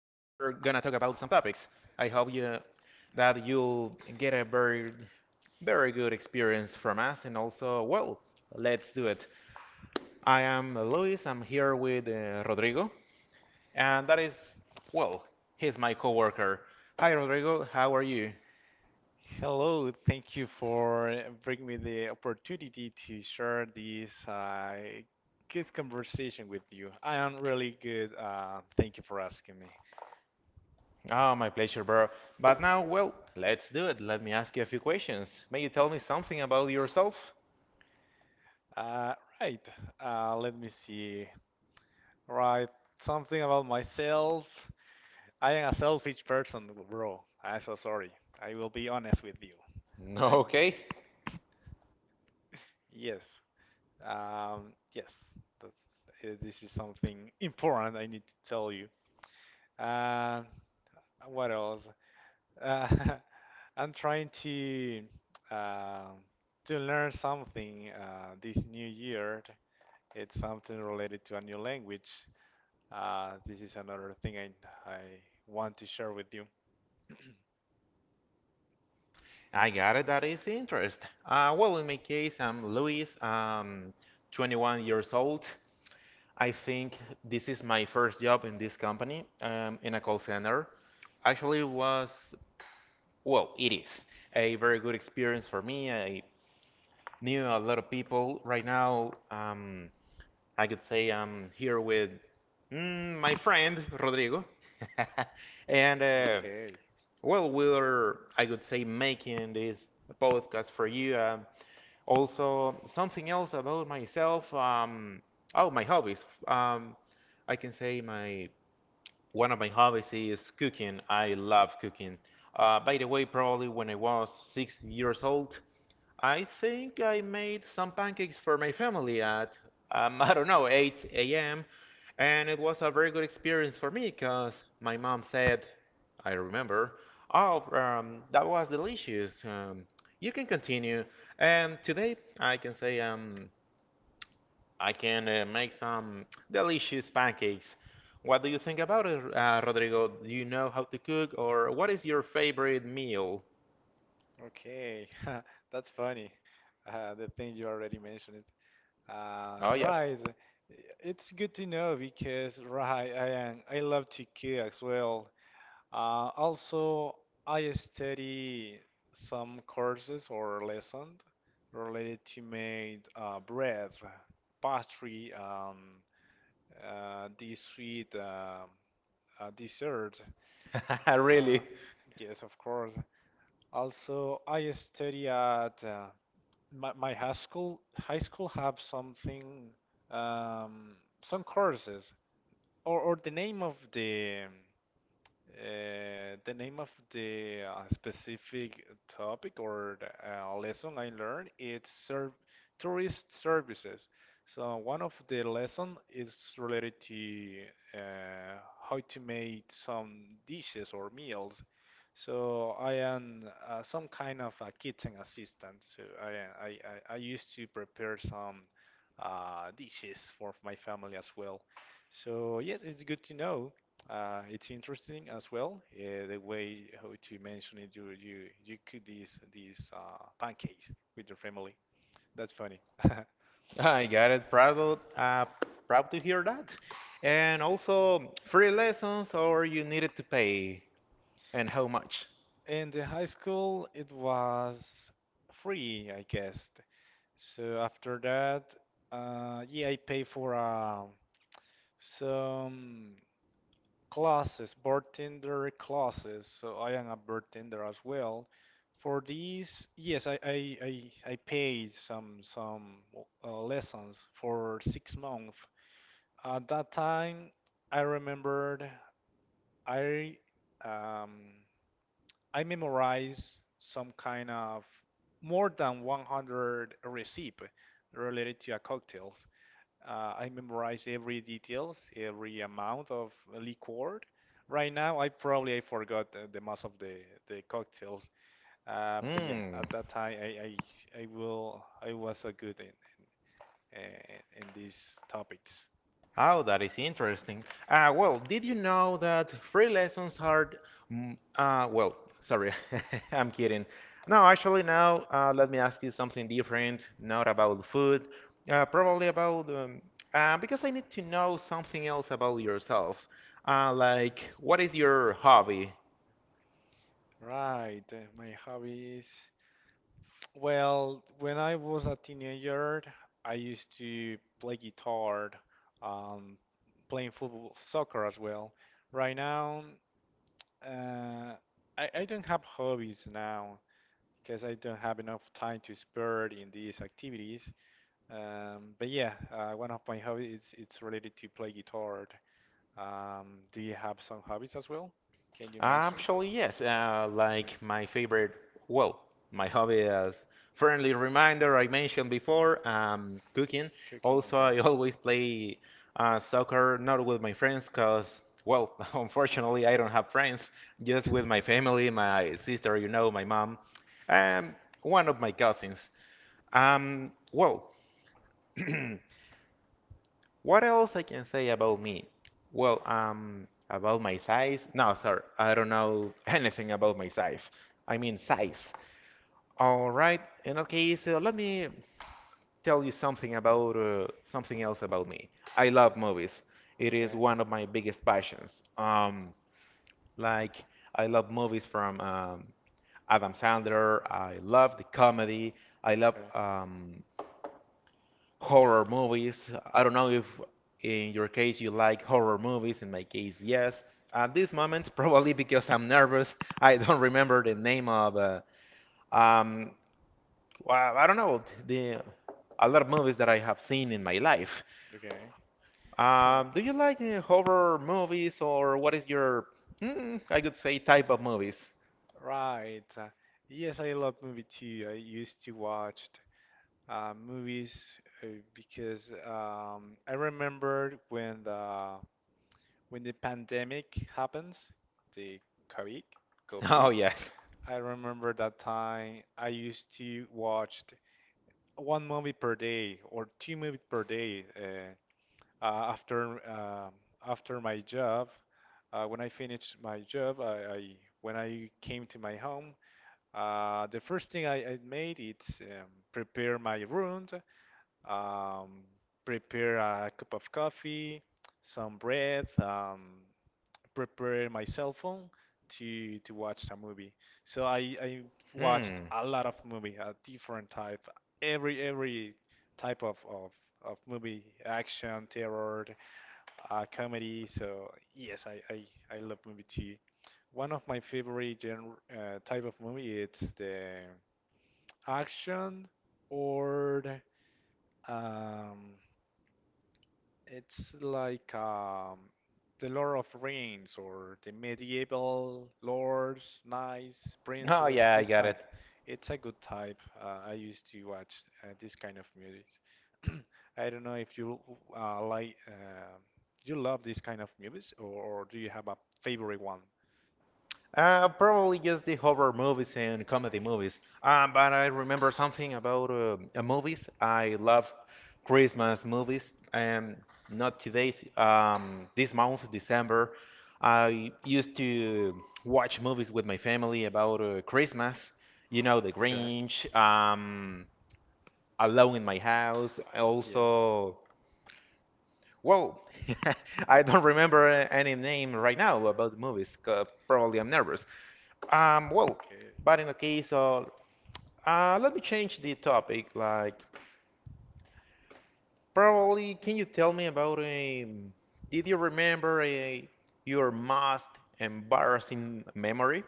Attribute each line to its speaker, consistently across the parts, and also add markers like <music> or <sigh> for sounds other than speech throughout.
Speaker 1: gonna talk about some topics. I hope you that you'll get a very, very good experience from us, and also, well, let's do it. I am Luis. I'm here with Rodrigo, and that is, well, he's my coworker. Hi, Rodrigo. How are you?
Speaker 2: Hello, thank you for the opportunity to share this with you. I am really good. Thank you for asking me.
Speaker 1: Oh, my pleasure, bro. But now, well, let's do it. Let me ask you a few questions. May you tell me something about yourself?
Speaker 2: Uh, Let me see. Self person, bro. I'm so sorry. I will be honest with you. I,
Speaker 1: <laughs> Okay.
Speaker 2: yes, yes. th- This is something <laughs> important I need to tell you. Uh, what else? Uh, <laughs> I'm trying to uh, to learn something, this new year. It's something related to a new language. This is another thing I want to share with you.
Speaker 1: I got it. That is interest. Well, in my case, I'm Luis. I'm 21 years old. I think this is my first job in this company, in a call center. Actually, it was, well, it is a very good experience for me. I knew a lot of people. Right now, I could say I'm here with my friend Rodrigo, <laughs> and
Speaker 2: Okay.
Speaker 1: well, we're, I could say, making this podcast for you. Also, something else about myself. Oh, my hobbies. I can say my one of my hobbies is cooking. I love cooking. By the way, probably when I was 6 years old, I think I made some pancakes for my family at, <laughs> I don't know, 8 a.m. And it was a very good experience for me because my mom said, I remember, oh, that was delicious. You can continue. And today I can say I can make some delicious pancakes. What do you think about it, Rodrigo? Do you know how to cook, or what is your favorite meal?
Speaker 2: Okay, <laughs> that's funny. The thing you already mentioned.
Speaker 1: Oh, yeah,
Speaker 2: Right. It's good to know because right, I love to cook as well. Also, I study some courses or lessons related to made bread, pastry, this sweet dessert.
Speaker 1: <laughs>
Speaker 2: Uh,
Speaker 1: really.
Speaker 2: yes, of course. Also, I study at my high school. High school have something, um, some courses, or the name of the specific topic or the lesson I learned is serv tourist services. So one of the lesson is related to uh, how to make some dishes or meals. So I am some kind of a kitchen assistant. So I, I used to prepare some dishes for my family as well. So yes, it's good to know. It's interesting as well, the way how to mention it. You cook these pancakes with your family. That's funny. <laughs>
Speaker 1: I got it. Proud of, proud to hear that. And also, free lessons or you needed to pay, and how much?
Speaker 2: In the high school, it was free, I guess. So after that, yeah, I pay for some classes, bartender classes. So I am a bartender as well. For these, yes, I paid some lessons for 6 months. At that time, I remembered I um, I memorized some kind of more than 100 recipe related to a cocktail. I memorize every details, every amount of liquor. Right now, I probably I forgot the most of the cocktails. But yeah,
Speaker 1: Hmm.
Speaker 2: at that time, I was so good in, uh, in these topics.
Speaker 1: Oh, that is interesting. Well, did you know that free lessons are, well, sorry, <laughs> I'm kidding. No, actually, now let me ask you something different, not about food, probably about, because I need to know something else about yourself. Like, what is your hobby?
Speaker 2: Right, my hobbies. Well, when I was a teenager, I used to play guitar, um, playing football, soccer as well. Right now, Uh, I don't have hobbies now because I don't have enough time to spare in these activities. But yeah, one of my hobbies is it's related to play guitar. Do you have some hobbies as well? Can you mention it?
Speaker 1: Actually, yes.
Speaker 2: Okay.
Speaker 1: Like my favorite, well, my hobby as friendly reminder I mentioned before, cooking.
Speaker 2: Cooking,
Speaker 1: Also,
Speaker 2: okay.
Speaker 1: I <laughs> always play soccer, not with my friends, cause well, <laughs> unfortunately, I don't have friends. Just with my
Speaker 2: <laughs>
Speaker 1: family, my sister, you know, my mom, and one of my cousins. Well. <clears throat> What else I can say about me? Well, about my size? No, sir, I don't know <laughs> anything about my size. I mean size. All right, in that case, let me tell you something about something else about me. I love movies. It
Speaker 2: Okay,
Speaker 1: is one of my biggest passions. Like I love movies from Adam Sandler. I love the comedy. I love
Speaker 2: okay,
Speaker 1: horror movies. I don't know if in your case you like horror movies, in my case, yes. At this moment, <laughs> probably because I'm nervous, I don't remember the name of, um, well, I don't know, the a lot of movies that I have seen in my life.
Speaker 2: okay. <laughs> Right.
Speaker 1: Do you like horror movies or what is your, I could say, type of movies? <laughs>
Speaker 2: Right. Yes, I love movie too. I used to watch movies, uh, because I remembered when the pandemic happens, the COVID,
Speaker 1: Oh,
Speaker 2: COVID,
Speaker 1: yes.
Speaker 2: I remember that time I used to watch one movie per day or two movies per day, after um after my job. When I finished my job, I when I came to my home, the first thing I made is prepare my room, um, prepare a cup of coffee, some bread, prepare my cell phone to watch a movie. So I watched
Speaker 1: Hmm.
Speaker 2: a lot of movie, a different type, every type of movie, action, terror, comedy. So yes, I love movie too. One of my favorite genre, type of movie it's the action or um, it's like the Lord of Rings or the medieval lords, knights,
Speaker 1: Oh,
Speaker 2: princes,
Speaker 1: yeah, I
Speaker 2: this
Speaker 1: got it.
Speaker 2: type. It's a good type. I used to watch this kind of movies. <clears throat> I don't know if you like, you love this kind of movies, or do you have a favorite one?
Speaker 1: Probably just the horror movies and comedy movies. But I remember something about movies. I love Christmas movies, and not today. This month, December, I used to watch movies with my family about Christmas. You know, The
Speaker 2: Okay.
Speaker 1: Grinch, Alone in My House,
Speaker 2: Yes.
Speaker 1: also well, <laughs> I don't remember any name right now about the movies. 'Cause probably I'm nervous. Well,
Speaker 2: Okay.
Speaker 1: but in the case of, let me change the topic. Like, probably, can you tell me about a, did you remember a, your most embarrassing memory?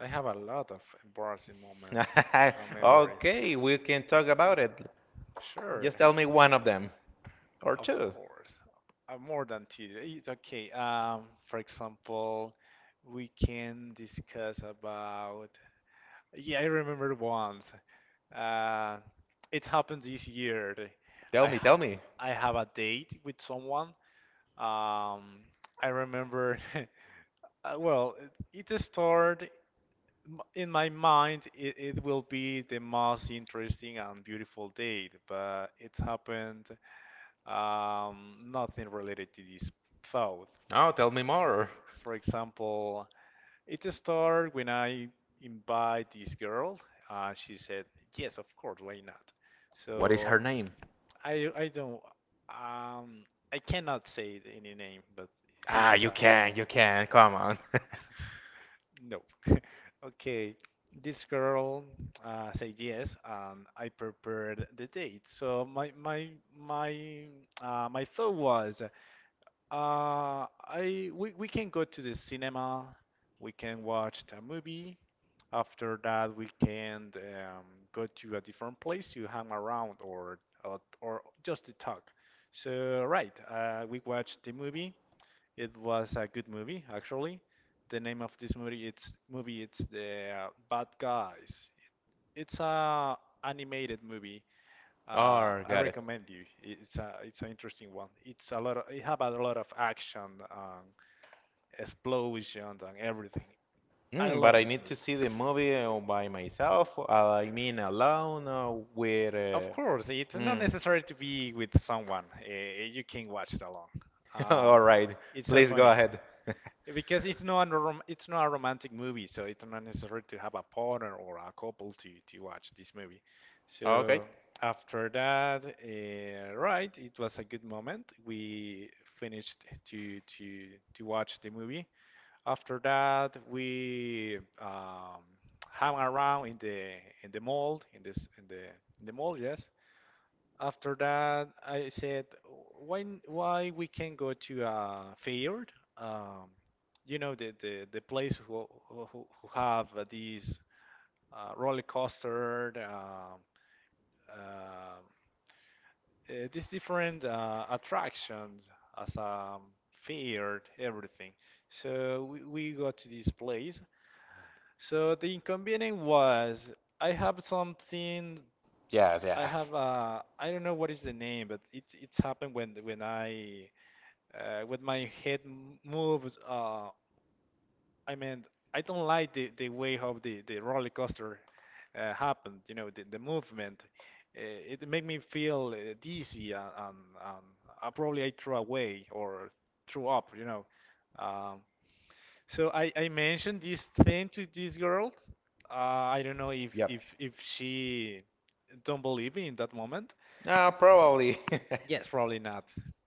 Speaker 2: I have a lot of embarrassing moment
Speaker 1: <laughs>
Speaker 2: memories.
Speaker 1: Okay, we can talk about it.
Speaker 2: Sure,
Speaker 1: Just tell me one of them or
Speaker 2: of
Speaker 1: two.
Speaker 2: course. More than two. It's okay. For example, we can discuss about. Yeah, I remember once. Uh, it happened this year.
Speaker 1: Tell
Speaker 2: I
Speaker 1: me,
Speaker 2: ha
Speaker 1: tell me.
Speaker 2: I have a date with someone. Um, I remember. <laughs> Well, it started in my mind, it will be the most interesting and beautiful date, but it happened, nothing related to this thought.
Speaker 1: No, tell me more.
Speaker 2: For example, it started when I invite this girl. She said, "Yes, of course, why not?"
Speaker 1: What is
Speaker 2: So
Speaker 1: her name?
Speaker 2: I I don't um I cannot say any name, but this
Speaker 1: Ah,
Speaker 2: is
Speaker 1: you
Speaker 2: a.
Speaker 1: can, you can. Come on. <laughs>
Speaker 2: No. <laughs> Okay, this girl said yes, and I prepared the date. So my my thought was, we can go to the cinema, we can watch a movie. After that, we can go to a different place to hang around or just to talk. So right, we watched the movie. It was a good movie, actually. The name of this movie it's the Bad Guys. It's a animated movie.
Speaker 1: Oh,
Speaker 2: I
Speaker 1: got it.
Speaker 2: recommend you. It's an interesting one. It have a lot of action, explosions and everything. I
Speaker 1: Mm, but
Speaker 2: love
Speaker 1: I
Speaker 2: this
Speaker 1: need to
Speaker 2: movie.
Speaker 1: see the movie by myself. I mean, alone with.
Speaker 2: Of course, it's not
Speaker 1: Mm.
Speaker 2: necessary to be with someone. You can watch it alone.
Speaker 1: <laughs>
Speaker 2: Um,
Speaker 1: All right.
Speaker 2: it's so
Speaker 1: Please go
Speaker 2: funny
Speaker 1: ahead. <laughs>
Speaker 2: because it's not a romantic movie, so it's not necessary to have a partner or a couple to watch this movie.
Speaker 1: Okay.
Speaker 2: So after that, right, it was a good moment. We finished to watch the movie. After that, we hung around in the mall in the mall, yes. After that, I said, why why we can go to a fair? Um, you know the place who have these roller coaster, uh, these different attractions as a fair, everything. So we go to this place. So the inconvenient was I have something,
Speaker 1: Yes, yes.
Speaker 2: I don't know what is the name, but it's happened when I when my head moves. I mean, I don't like the way how the roller coaster happened, you know, the movement. Uh, it made me feel dizzy and I probably I threw away or threw up. Um, so I mentioned this thing to this girl. I don't know if, if,
Speaker 1: Yep.
Speaker 2: if she don't believe me in that moment.
Speaker 1: Ah, probably.
Speaker 2: Yes, probably not.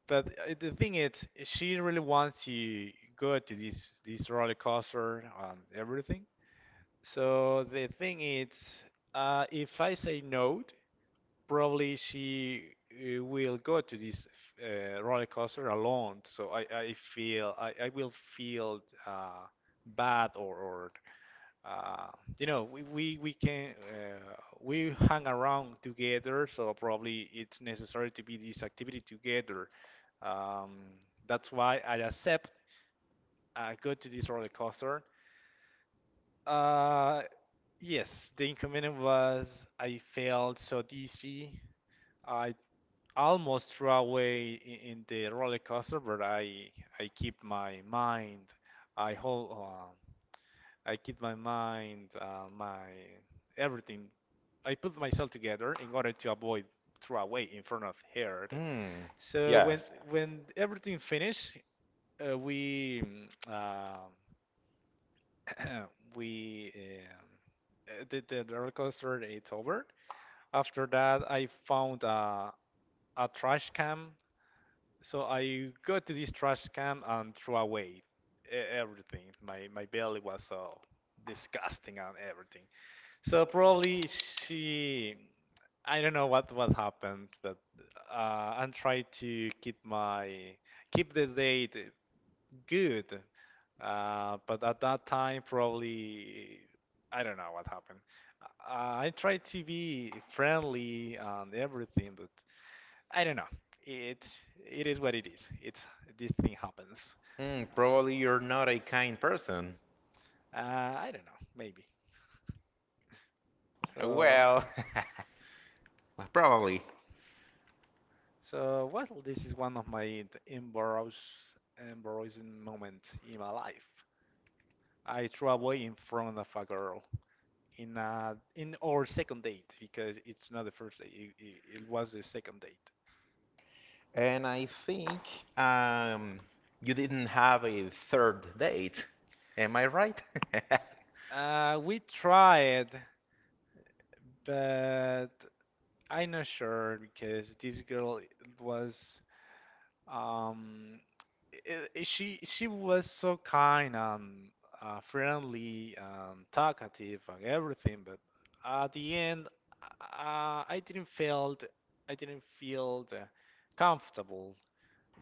Speaker 2: But the thing is, she really wants to go to this roller coaster and everything. So the thing is, if I say no, probably she will go to this roller coaster alone. So I will feel uh, bad or uh, we can, we hang around together, so probably it's necessary to be this activity together. Um, that's why I accept go to this roller coaster. Uh, yes, the inconvenience was I felt so dizzy. I almost threw away in the roller coaster, but I keep my mind. I hold. I keep my mind, my everything I put myself together in order to avoid throw away in front of
Speaker 1: <laughs>
Speaker 2: her.
Speaker 1: Hmm.
Speaker 2: So when
Speaker 1: Yes.
Speaker 2: when everything finished, we mm, uh, <clears throat> we um, the roller coaster it's over. After that, I found a trash can. So I go to this trash can and throw away everything. My belly was so disgusting and everything. So probably she, I don't know what happened, but uh, I'm trying to keep the date good. But at that time, probably I don't know what happened. I tried to be friendly and everything, but I don't know. It's it is what it is. It's this thing happens.
Speaker 1: Hmm. Probably you're not a kind person.
Speaker 2: Uh, I don't know, maybe. So.
Speaker 1: Well, <laughs> probably.
Speaker 2: Well, this is one of my embarrassing moments in my life. I threw away in front of a girl in our second date because it's not the first date. It was the second date.
Speaker 1: And I think um, you didn't have a third date. Am I right? <laughs>
Speaker 2: We tried, but I'm not sure because this girl was. Um, she was so kind and friendly and talkative and everything, but at the end, uh, I didn't feel I didn't feel the comfortable,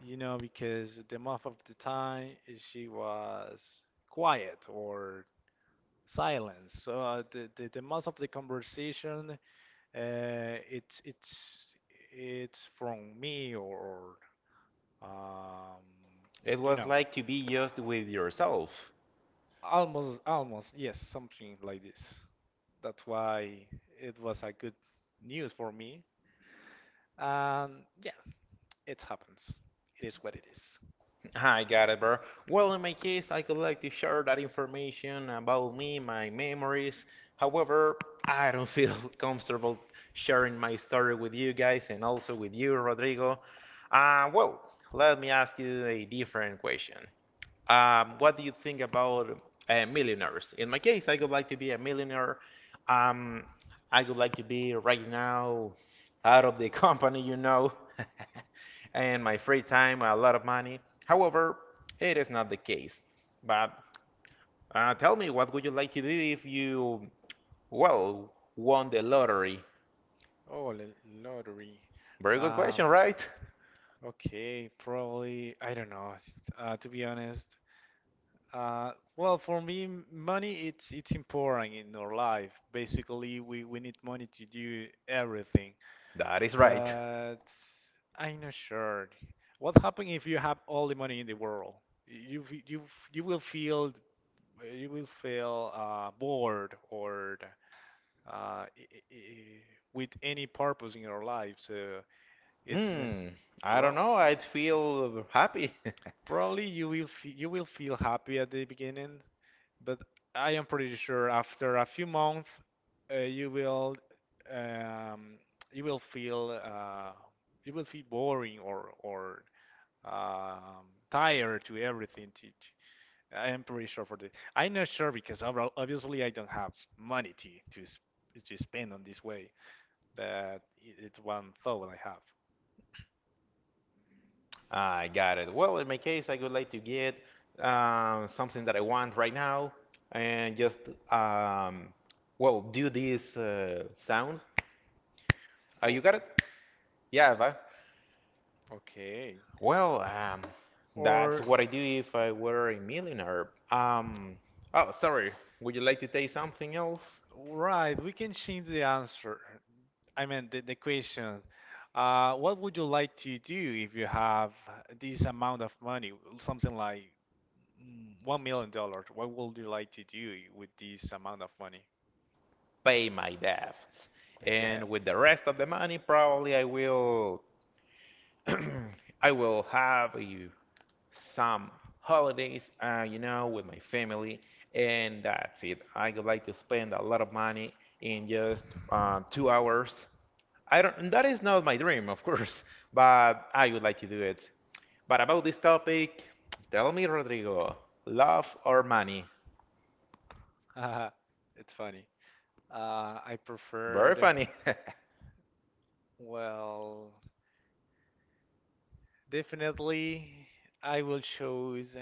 Speaker 2: you know, because the most of the time, she was quiet or silent. So the most of the conversation, uh, it's it's it's from me or. Um,
Speaker 1: It
Speaker 2: you
Speaker 1: was
Speaker 2: know,
Speaker 1: like to be just with yourself.
Speaker 2: almost, almost, yes, something like this. That's why it was a good news for me. And yeah, it happens. It is what it is.
Speaker 1: <laughs> I got it, bro. Well, in my case, I could like to share that information about me, my memories. However, I don't feel <laughs> comfortable sharing my story with you guys and also with you, Rodrigo. Well, let me ask you a different question. What do you think about millionaires? In my case, I would like to be a millionaire. Um, I would like to be right now out of the <laughs> company, you know, <laughs> and my free time, a lot of money. However, it is not the case. But tell me, what would you like to do if you, well, won the lottery?
Speaker 2: Oh, the lottery.
Speaker 1: Very good
Speaker 2: Um,
Speaker 1: question, right? <laughs>
Speaker 2: okay, probably, I don't know, to be honest. Well, for me, money it's important in our life. Basically, we need money to do everything.
Speaker 1: That is right.
Speaker 2: But I'm not sure. What happens if you have all the money in the world? You f- you f- you will feel you will feel bored or uh, i- i- i- with any purpose in your life. So it's mis-
Speaker 1: Hmm, I don't
Speaker 2: bro.
Speaker 1: know. I'd feel happy.
Speaker 2: Probably you will feel happy at the beginning, but I am pretty sure after a few months, uh, you will um, you will feel uh, you will feel boring or um, tired to everything. I am pretty sure for this. I'm not sure because obviously I don't have money to s- to spend on this way. But it's one thought I have.
Speaker 1: I got it. Well, in my case, I would like to get something that I want right now and just, um, well, do this sound.
Speaker 2: Oh,
Speaker 1: You got it? Yeah, but,
Speaker 2: okay.
Speaker 1: well, that's
Speaker 2: Or
Speaker 1: what I do if I were a millionaire. Oh, sorry. Would you like to take something else?
Speaker 2: right, we can change the answer. I mean, the question. What would you like to do if you have this amount of money? Something like $1 million. What would you like to do with this amount of money?
Speaker 1: Pay my debt.
Speaker 2: My dad.
Speaker 1: And with the rest of the money, probably I will, <clears throat> I will have a some holidays, you know, with my family, and that's it. I would like to spend a lot of money in just 2 hours. I don't, and that is not my dream, of course, <laughs> but I would like to do it. But about this topic, tell me, Rodrigo, love or money?
Speaker 2: <laughs> It's funny. I
Speaker 1: Very
Speaker 2: preferred,
Speaker 1: funny.
Speaker 2: well, definitely I will choose.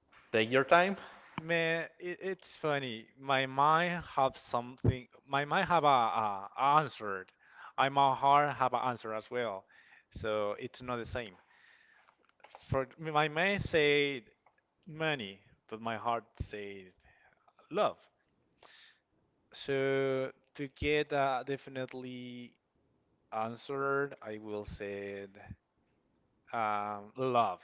Speaker 1: <laughs> Take your time.
Speaker 2: Man, it's funny. My mind have something. My mind have a answered. I my heart have an answer as well. So it's not the same. For my mind said money, but my heart said love. So to get a definitely answered, I will say love.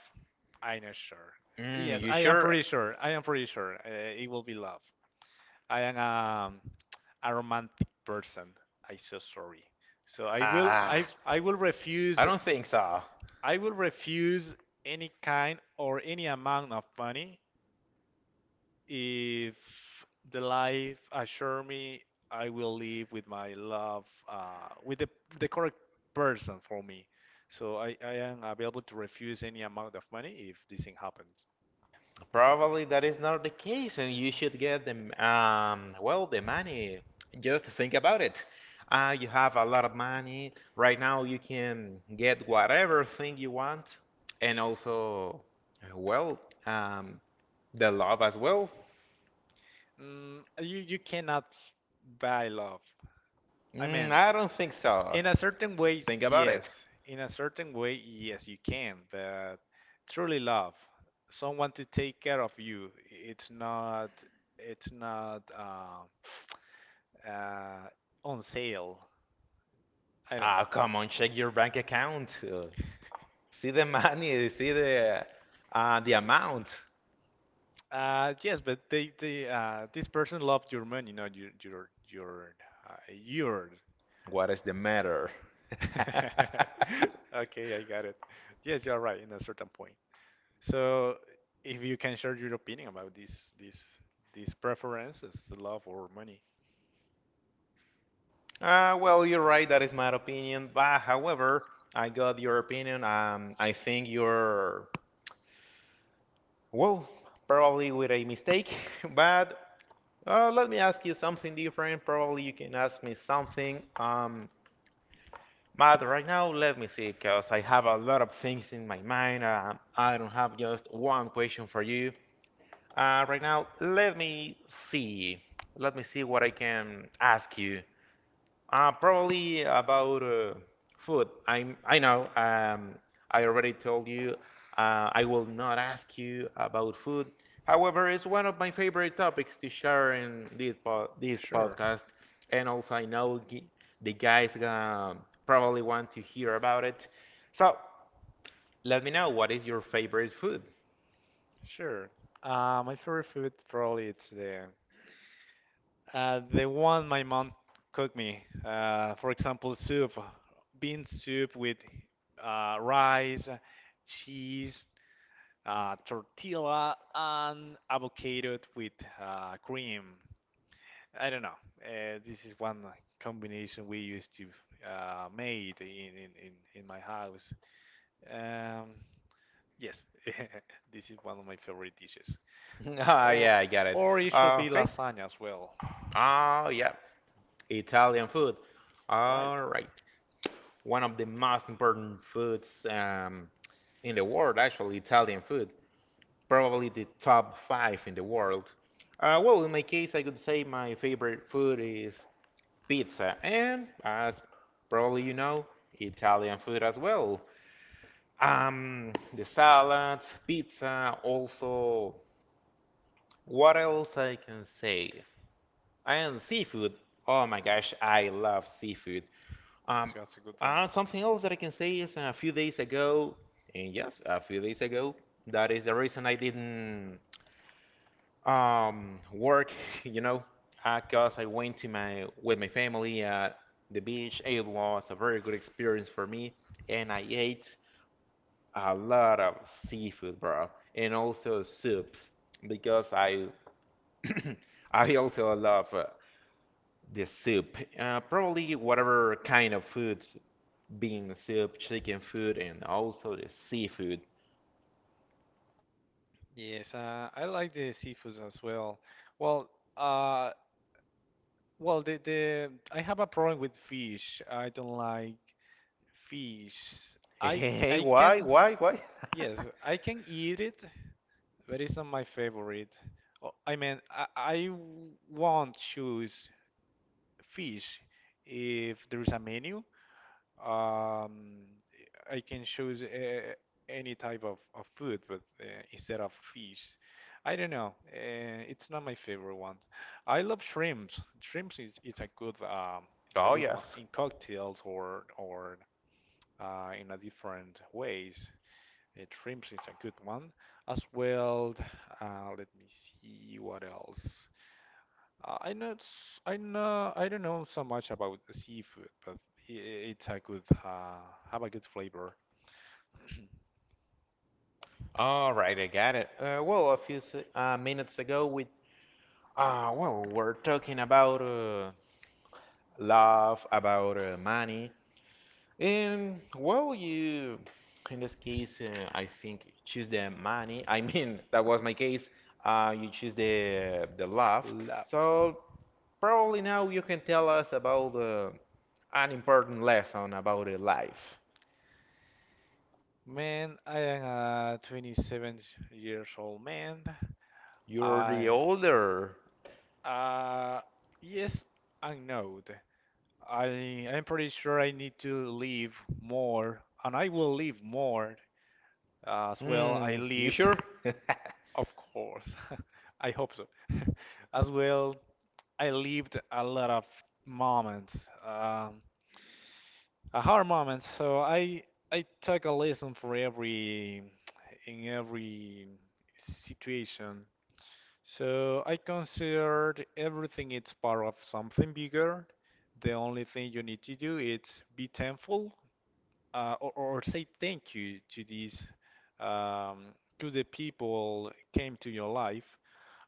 Speaker 2: I'm not sure.
Speaker 1: Mm,
Speaker 2: Yes,
Speaker 1: you
Speaker 2: I am
Speaker 1: sure?
Speaker 2: pretty sure. I am pretty sure it will be love. I am a romantic person. I so sorry. So
Speaker 1: Ah, I don't think so.
Speaker 2: I will refuse any kind or any amount of money if the life assure me I will live with my love, with the correct person for me. So I am available to refuse any amount of money if this thing happens.
Speaker 1: Probably that is not the case, and you should get the the money. Just think about it. You have a lot of money right now. You can get whatever thing you want, and also, well, um, the love as well.
Speaker 2: You cannot buy love. I
Speaker 1: Mm,
Speaker 2: mean,
Speaker 1: I don't think so.
Speaker 2: in a certain way,
Speaker 1: Think about
Speaker 2: yes.
Speaker 1: it.
Speaker 2: In a certain way, yes, you can. But truly love, someone to take care of you. It's not. It's not on sale. I don't know.
Speaker 1: Ah, come on, check your bank account. See the money. See the amount.
Speaker 2: Yes, but they this person loved your money, not your.
Speaker 1: What is the matter?
Speaker 2: <laughs>
Speaker 1: <laughs>
Speaker 2: Okay, I got it. Yes, you're right in a certain point. So, if you can share your opinion about these preferences, the love or money,
Speaker 1: Well, you're right. That is my opinion. But however, I got your opinion. I think you're well, probably with a mistake. <laughs> But let me ask you something different. Probably you can ask me something. But right now, let me see, because I have a lot of things in my mind. I don't have just one question for you. Right now, let me see. Let me see what I can ask you. Probably about food. I'm, I know, I already told you, I will not ask you about food. However, it's one of my favorite topics to share in this, po this
Speaker 2: sure.
Speaker 1: podcast. And also, I know g the guys gonna probably want to hear about it. So, let me know what is your favorite food?
Speaker 2: Sure. My favorite food probably it's the one my mom cooked me. For example, soup, bean soup with rice, cheese, tortilla and avocado with cream. I don't know. This is one combination we used to, made in my house. Um, yes, <laughs> this is one of my favorite dishes.
Speaker 1: <laughs> Ah,
Speaker 2: Or
Speaker 1: yeah, I got it.
Speaker 2: or it should be
Speaker 1: Okay.
Speaker 2: lasagna as well.
Speaker 1: Oh, yeah, Italian food.
Speaker 2: Right,
Speaker 1: All right. One of the most important foods in the world, actually, Italian food, probably the top five in the world. Well, in my case, I could say my favorite food is pizza, and as probably you know, Italian food as well. The salads, pizza, also, what else I can say? And seafood. Oh my gosh, I love seafood. Um,
Speaker 2: that's a good one.
Speaker 1: Something else that I can say is a few days ago, and yes, a few days ago, that is the reason I didn't work, <laughs> you know, because I went to my with my family at the beach. It was a very good experience for me, and I ate a lot of seafood, bro, and also soups because I <clears throat> I also love the soup. Probably whatever kind of food, bean soup, chicken food, and also the seafood. <laughs>
Speaker 2: Yes, I like the seafood as well. Well, uh, Well, the I have a problem with fish. I don't like fish. I
Speaker 1: Hey,
Speaker 2: I can,
Speaker 1: why, why?
Speaker 2: yes,
Speaker 1: <laughs>
Speaker 2: I can eat it, but it's not my favorite. Oh, I mean, I won't choose fish if there is a menu. Um, I can choose any type of food, but instead of fish, I don't know. It's not my favorite one. I love shrimps. Shrimps is it's a
Speaker 1: Oh,
Speaker 2: good one
Speaker 1: yes.
Speaker 2: in cocktails or in a different ways. Shrimps is a good one as well. Let me see what else. I know s- I know I don't know so much about the seafood, but it's a good, have a good flavor. <clears throat>
Speaker 1: All right, I got it. Well, a few minutes ago, we well, we're talking about love, about money, and well, you in this case, I think you choose the money. I mean, <laughs> that was my case. You choose the love.
Speaker 2: Love.
Speaker 1: So probably now you can tell us about an important lesson about life.
Speaker 2: Man, I am a 27 years old man.
Speaker 1: You're the
Speaker 2: I
Speaker 1: older.
Speaker 2: uh yes and no. I I'm pretty sure I need to live more, and I will live more as well. I
Speaker 1: Mm, you
Speaker 2: lived,
Speaker 1: sure? <laughs>
Speaker 2: of course. <laughs> I hope so. <laughs> As well, I lived a lot of moments, um, a hard moments. So I took a lesson for every in every situation. So I considered everything it's part of something bigger. The only thing you need to do is be thankful, or say thank you to these um, to the people came to your life.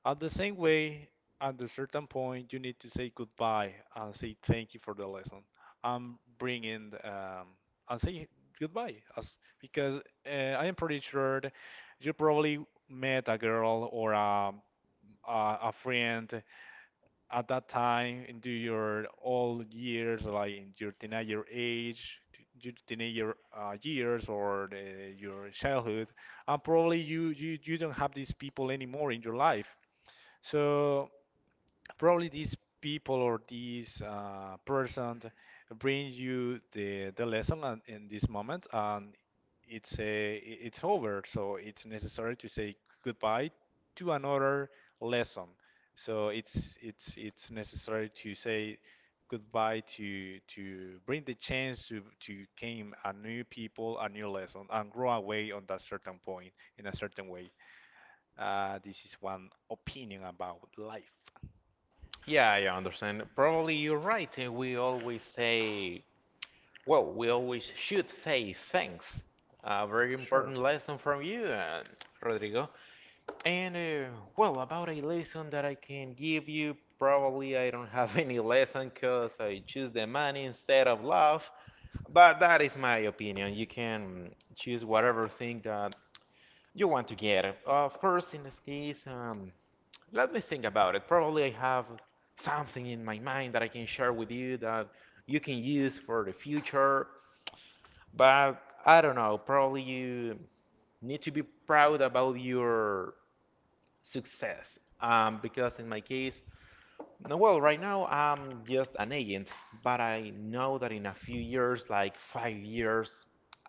Speaker 2: At the same way, at a certain point, you need to say goodbye and say thank you for the lesson. I'm bringing, and say goodbye. Because I am pretty sure that you probably met a girl or a, a friend at that time into your old years, like in your teenager age, your teenager years, or your childhood, and probably you don't have these people anymore in your life. So probably these people or these, person bring you the lesson and, in this moment, and it's over. So it's necessary to say goodbye to another lesson. So it's necessary to say goodbye to bring the chance to came a new people, a new lesson, and grow away on that certain point in a certain way. This is one opinion about life.
Speaker 1: Yeah, I understand. Probably you're right. We always say, well, we always should say thanks. A very
Speaker 2: Sure.
Speaker 1: important lesson from you, Rodrigo. And, well, about a lesson that I can give you, probably I don't have <laughs> any lesson because I choose the money instead of love. But that is my opinion. You can choose whatever thing that you want to get. Of course, in this case, let me think about it. Probably I have something in my mind that I can share with you that you can use for the future. But I don't know. Probably you need to be proud about your success. Because in my case, No, well, right now I'm just an agent, but I know that in a few years, like 5 years,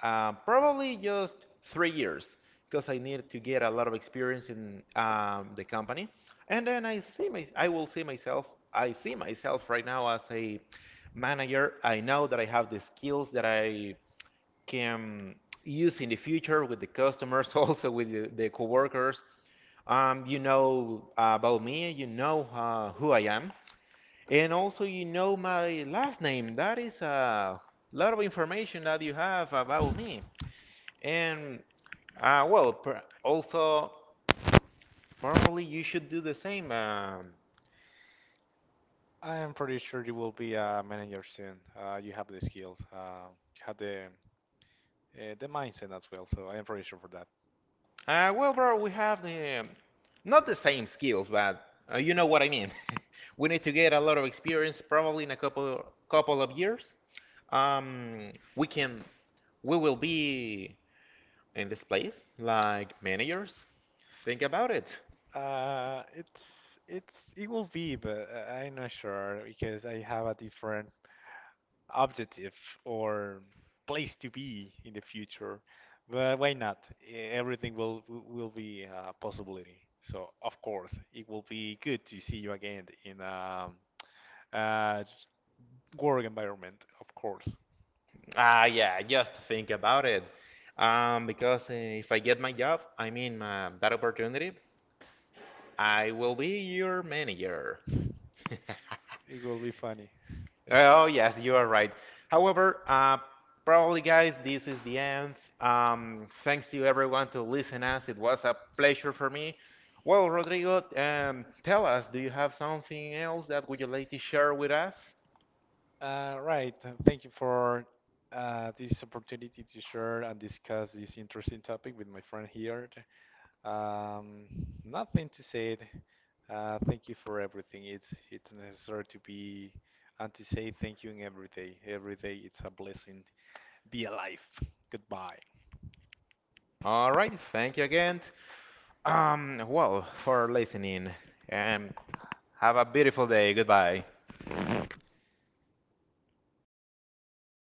Speaker 1: probably just 3 years, because I need to get a lot of experience in the company. And then I see my, I will see myself, I see myself right now as a manager. I know that I have the skills that I can use in the future with the customers, <laughs> also with the coworkers. You know about me, you know who I am. And also, you know my last name. That is a lot of information that you have about me. And well, per also, probably you should do the same.
Speaker 2: I am pretty sure you will be a manager soon. You have the skills. You have the mindset as well. So I am pretty sure for that.
Speaker 1: Well, bro, we have the not the same skills, but you know what I mean. <laughs> We need to get a lot of experience, probably in a couple of years. We can we will be in this place like managers. Think about it.
Speaker 2: It will be, but I'm not sure because I have a different objective or place to be in the future. But why not? Everything will be a possibility. So, of course, it will be good to see you again in a, uh work environment. Of course,
Speaker 1: Ah, yeah, just think about it. Because if I get my job, I mean that opportunity, I will be your manager. <laughs>
Speaker 2: it will be funny.
Speaker 1: Oh, yes, you are right. However, probably, guys, this is the end. Thanks to everyone to listen us. It was a pleasure for me. Well, Rodrigo, tell us, do you have something else that would you like to share with us?
Speaker 2: Right. Thank you for this opportunity to share and discuss this interesting topic with my friend here. Um, Nothing to say. It. Thank you for everything. It's necessary to be and to say thank you in every day. Every day it's a blessing. Be alive. Goodbye.
Speaker 1: All right, thank you again. Well, for listening, and have a beautiful day. Goodbye.